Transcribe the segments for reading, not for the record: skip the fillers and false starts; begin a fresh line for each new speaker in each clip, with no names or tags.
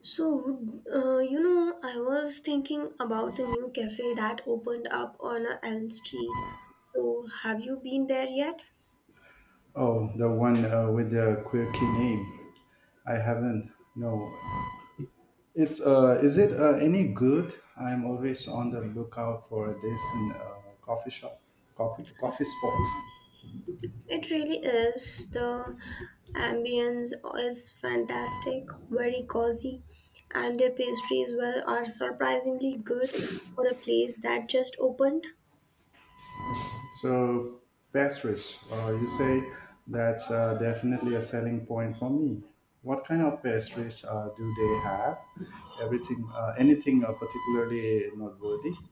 So, I was thinking about the new cafe that opened up on Elm Street. So, have you been there yet?
Oh, the one with the quirky name. I haven't. No, it's is it any good? I'm always on the lookout for a decent coffee shop, coffee spot.
It really is. The ambience is fantastic, very cozy, and their pastries, well, are surprisingly good for a place that just opened.
So pastries, you say that's definitely a selling point for me. What kind of pastries do they have? Anything particularly noteworthy?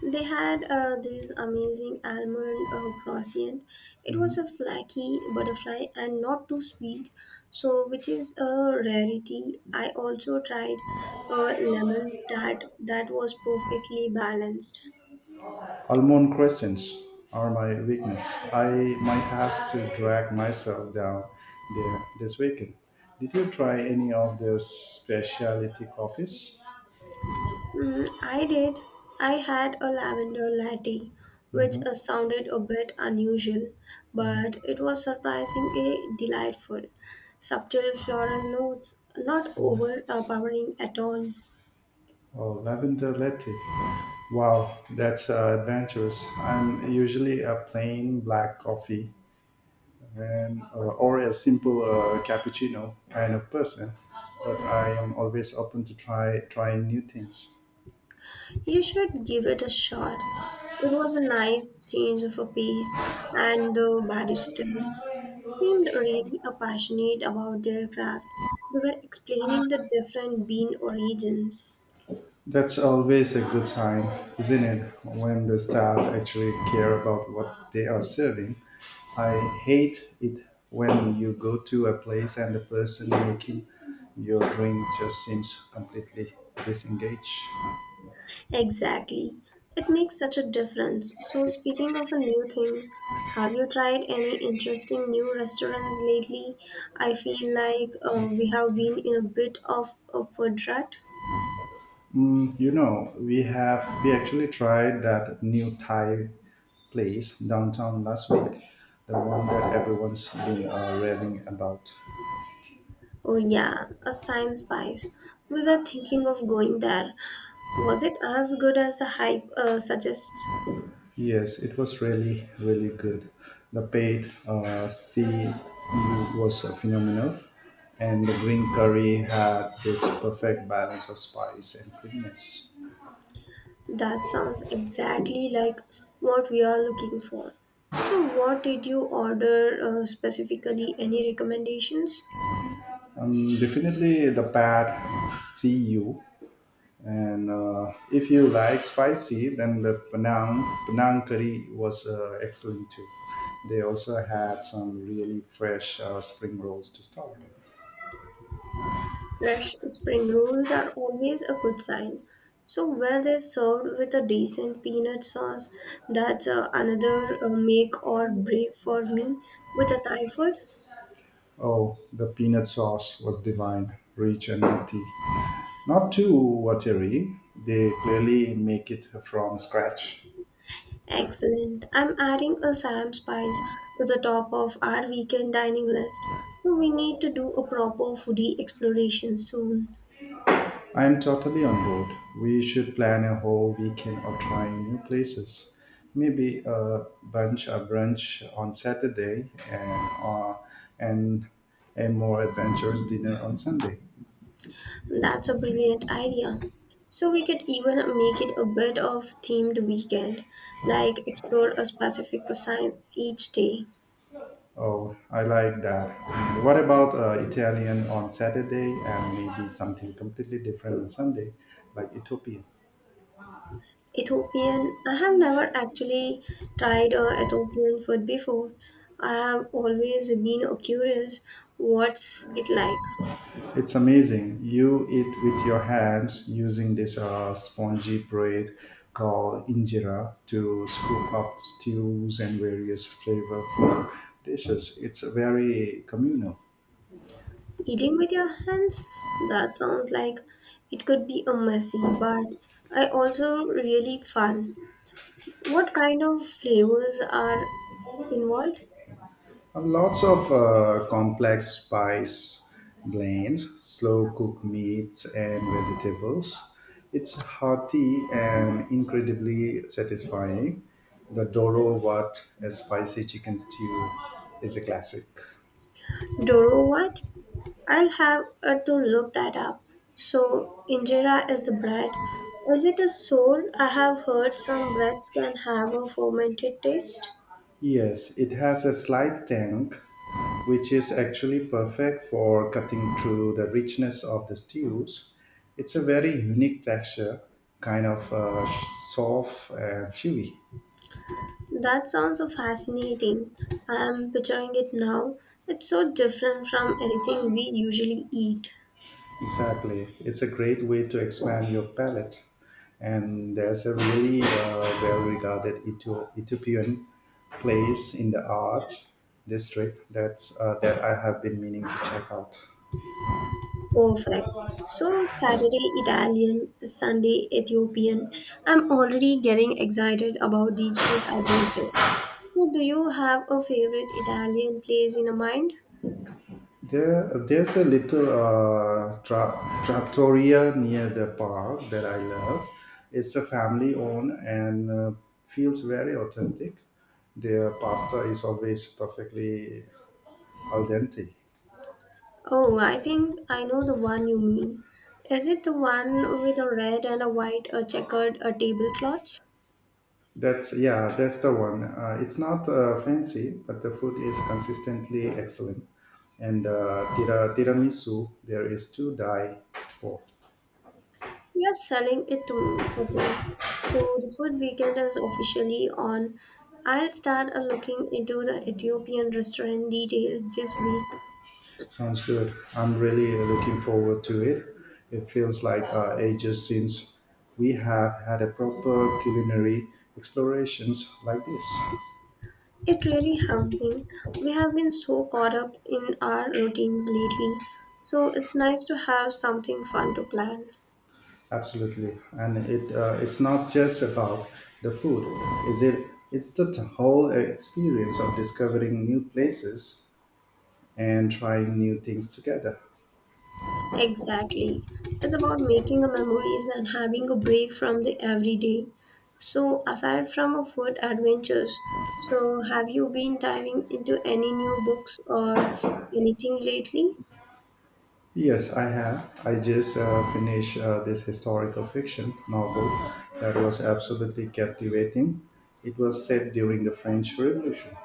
They had this amazing almond croissant. It was a flaky butterfly and not too sweet, so which is a rarity. I also tried a lemon that was perfectly balanced.
Almond crescents are my weakness. I might have to drag myself down there this weekend. Did you try any of their specialty coffees?
Mm, I did. I had a lavender latte, which
Hmm.
sounded a bit unusual, but it was surprisingly delightful. Subtle floral notes, not overpowering at all.
Oh, lavender latte. Wow, that's adventurous. I'm usually a plain black coffee and or a simple cappuccino kind of person, but I am always open to trying new things.
You should give it a shot. It was a nice change of a pace, and the barristers seemed really passionate about their craft. They were explaining the different bean origins.
That's always a good sign, isn't it? When the staff actually care about what they are serving. I hate it when you go to a place and the person making your drink just seems completely disengaged.
Exactly. It makes such a difference. So, speaking of a new things, have you tried any interesting new restaurants lately? I feel like we have been in a bit of a food rut.
We actually tried that new Thai place downtown last week, the one that everyone's been raving about.
Oh, yeah, a Sime Spice. We were thinking of going there. Was it as good as the hype suggests?
Yes, it was really, really good. The paid CU was phenomenal, and the green curry had this perfect balance of spice and creaminess.
That sounds exactly like what we are looking for. So, what did you order specifically? Any recommendations?
Definitely the pad CU, and if you like spicy, then the Penang curry was excellent too. They also had some really fresh spring rolls to start.
Fresh spring rolls are always a good sign. So, were they served with a decent peanut sauce? That's another make or break for me with a Thai food.
Oh, the peanut sauce was divine, rich and nutty. Not too watery. They clearly make it from scratch.
Excellent. I'm adding a Sam Spice to the top of our weekend dining list. So we need to do a proper foodie exploration soon.
I am totally on board. We should plan a whole weekend of trying new places. Maybe a brunch on Saturday and a more adventurous dinner on Sunday.
That's a brilliant idea. So we could even make it a bit of themed weekend, like explore a specific cuisine each day.
Oh, I like that. And what about Italian on Saturday and maybe something completely different on Sunday, like Ethiopia?
Ethiopian. I have never actually tried a Ethiopian food before. I have always been curious what's it like.
It's amazing. You eat with your hands using this spongy bread called injera to scoop up stews and various flavorful dishes. It's very communal.
Eating with your hands? That sounds like it could be a messy, but I also really fun. What kind of flavors are involved?
Lots of complex spice blends, slow cooked meats and vegetables. It's hearty and incredibly satisfying. The Doro Wat, a spicy chicken stew, is a classic.
Doro what? I'll have to look that up. So, injera is the bread. Is it a soul? I have heard some breads can have a fermented taste.
Yes, it has a slight tang, which is actually perfect for cutting through the richness of the stews. It's a very unique texture, kind of soft and chewy.
That sounds so fascinating. I am picturing it now. It's so different from anything we usually eat.
Exactly. It's a great way to expand your palate. And there's a really well regarded Ethiopian place in the art district that I have been meaning to check out.
Perfect. So Saturday Italian, Sunday Ethiopian. I'm already getting excited about these food adventure. So do you have a favorite Italian place in your mind?
There's a little trattoria near the park that I love. It's a family owned and feels very authentic. Their pasta is always perfectly al dente.
Oh, I think I know the one you mean. Is it the one with a red and a white a checkered a tablecloth?
That's yeah, that's the one. It's not fancy, but the food is consistently excellent. And tiramisu, there is to die for.
You're selling it to me. Okay. So the food weekend is officially on. I'll start looking into the Ethiopian restaurant details this week.
Sounds good. I'm really looking forward to it. It feels like ages since we have had a proper culinary explorations like this.
It really has been. We have been so caught up in our routines lately, so it's nice to have something fun to plan.
Absolutely, and it's not just about the food. Is it? It's the whole experience of discovering new places and trying new things together.
Exactly. It's about making a memories and having a break from the everyday. So aside from a food adventures, so have you been diving into any new books or anything lately?
Yes, I have. I just finished this historical fiction novel that was absolutely captivating. It was set during the French Revolution.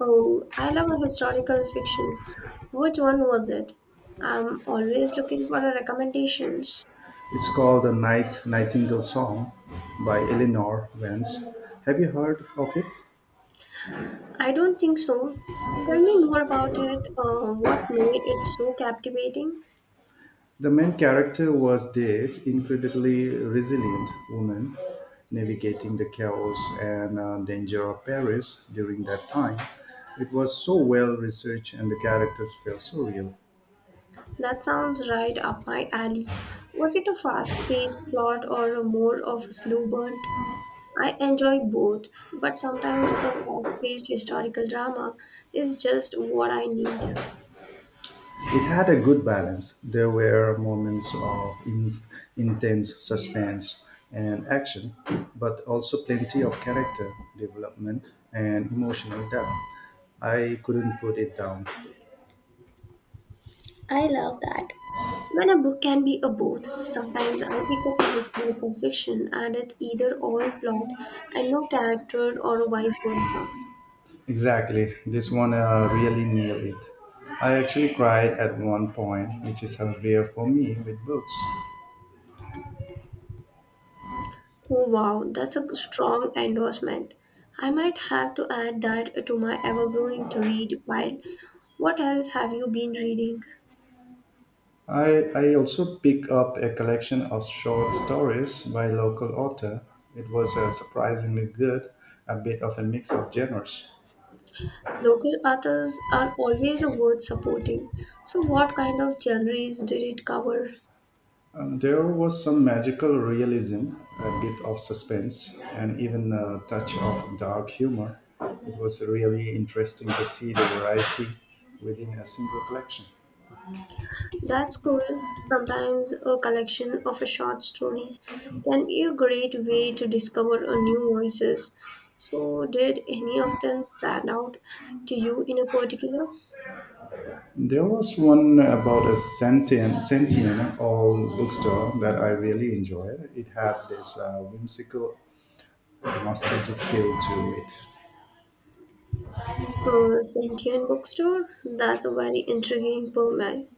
Oh, I love a historical fiction. Which one was it? I'm always looking for a recommendations.
It's called The Nightingale Song by Eleanor Vance. Have you heard of it?
I don't think so. Tell me more about it. What made it so captivating?
The main character was this incredibly resilient woman navigating the chaos and danger of Paris during that time. It was so well researched and the characters felt so real.
That sounds right up my alley. Was it a fast paced plot or a more of a slow burn? I enjoy both, but sometimes a fast paced historical drama is just what I need.
It had a good balance. There were moments of intense suspense and action, but also plenty of character development and emotional depth. I couldn't put it down.
I love that. When a book can be a both, sometimes I pick up a historical fiction and it's either all plot and no character or vice versa.
Exactly. This one really nailed it. I actually cried at one point, which is rare for me with books.
Oh, wow, that's a strong endorsement. I might have to add that to my ever growing to read pile. What else have you been reading?
I also picked up a collection of short stories by local author. It was surprisingly good, a bit of a mix of genres.
Local authors are always worth supporting. So, what kind of genres did it cover?
There was some magical realism, a bit of suspense, and even a touch of dark humor. It was really interesting to see the variety within a single collection.
That's cool. Sometimes a collection of short stories can be a great way to discover a new voices. So, did any of them stand out to you in a particular?
There was one about a sentient old bookstore that I really enjoyed. It had this whimsical, nostalgic feel to it.
A sentient bookstore? That's a very intriguing premise.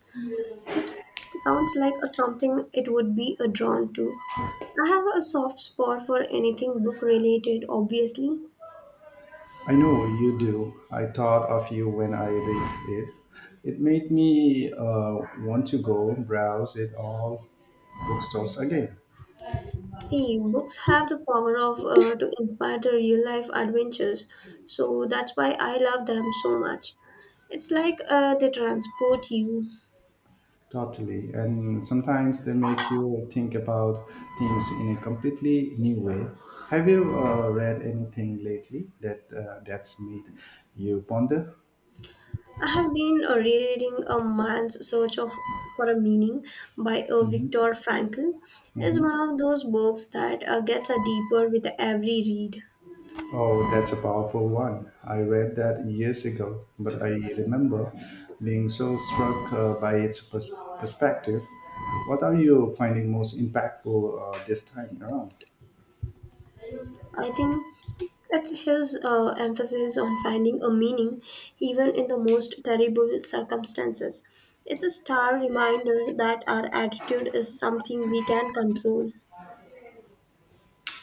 It sounds like a something it would be a drawn to. I have a soft spot for anything book related, obviously.
I know you do. I thought of you when I read it. It made me want to go browse it all bookstores again.
See, books have the power of to inspire the real life adventures, so that's why I love them so much. It's like they transport you.
Totally. And sometimes they make you think about things in a completely new way. Have you read anything lately that's made you ponder?
I have been rereading A Man's Search of for a Meaning by
Hmm.
Viktor Frankl. It's
Hmm.
one of those books that gets deeper with every read.
Oh, that's a powerful one. I read that years ago, but I remember being so struck by its perspective. What are you finding most impactful this time around?
I think it's his emphasis on finding a meaning even in the most terrible circumstances. It's a stark reminder that our attitude is something we can control.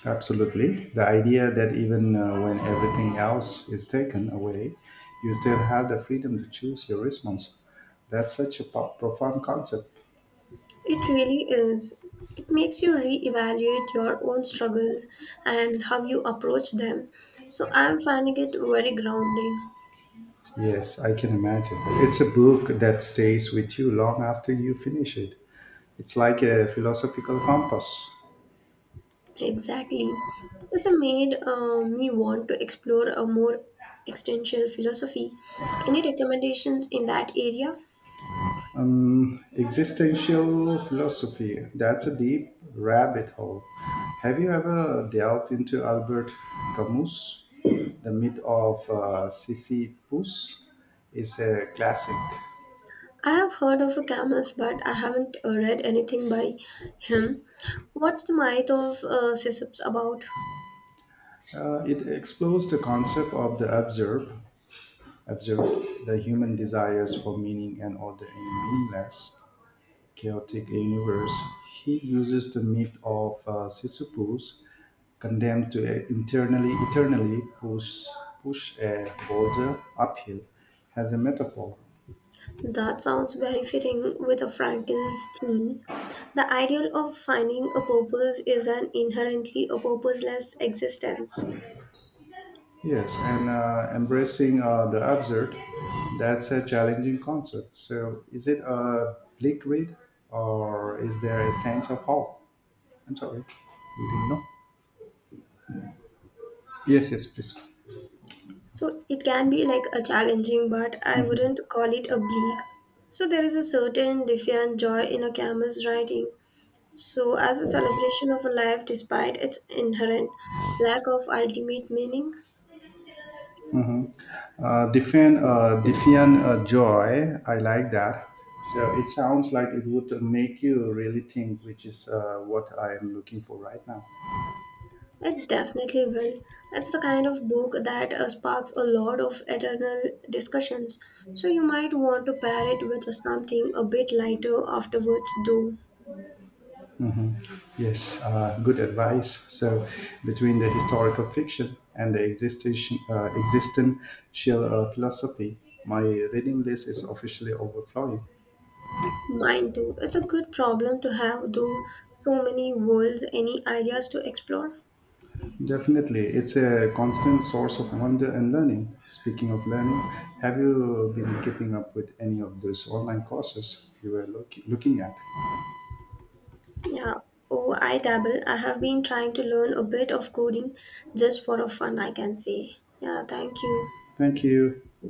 Absolutely. The idea that even when everything else is taken away, you still have the freedom to choose your response. That's such a profound concept.
It really is. It makes you re-evaluate your own struggles and how you approach them. So I'm finding it very grounding.
Yes, I can imagine. It's a book that stays with you long after you finish it. It's like a philosophical compass.
Exactly. It's a made me want to explore a more existential philosophy. Any recommendations in that area?
Existential philosophy, that's a deep rabbit hole. Have you ever delved into Albert Camus? The Myth of Sisyphus is a classic.
I have heard of a Camus, but I haven't read anything by him. What's the myth of Sisyphus about?
It explores the concept of the absurd, the human desires for meaning and order in a meaningless chaotic universe, he uses the myth of Sisyphus, condemned to internally eternally push a boulder uphill, as a metaphor.
That sounds very fitting with a Frankel's themes. The ideal of finding a purpose is an inherently a purposeless existence.
Yes, and embracing the absurd, that's a challenging concept. So, is it a bleak read, or is there a sense of hope? I'm sorry, you didn't know. Yes, yes, please.
So it can be like a challenging, but I
Mhm.
wouldn't call it a bleak. So there is a certain defiant joy in a camera's writing. So as a celebration of a life despite its inherent lack of ultimate meaning.
Mhm. Diffian joy. I like that. So it sounds like it would make you really think, which is what I am looking for right now.
It definitely will. It's the kind of book that sparks a lot of eternal discussions, so you might want to pair it with something a bit lighter afterwards, though.
Yes, good advice. So between the historical fiction and the existential philosophy, my reading list is officially overflowing.
Mine too. It's a good problem to have, though. So many worlds, any ideas to explore?
Definitely, it's a constant source of wonder and learning. Speaking of learning, have you been keeping up with any of those online courses you were looking at?
Yeah. Oh, I dabble. I have been trying to learn a bit of coding just for a fun, I can say. Yeah, thank you.
Thank you.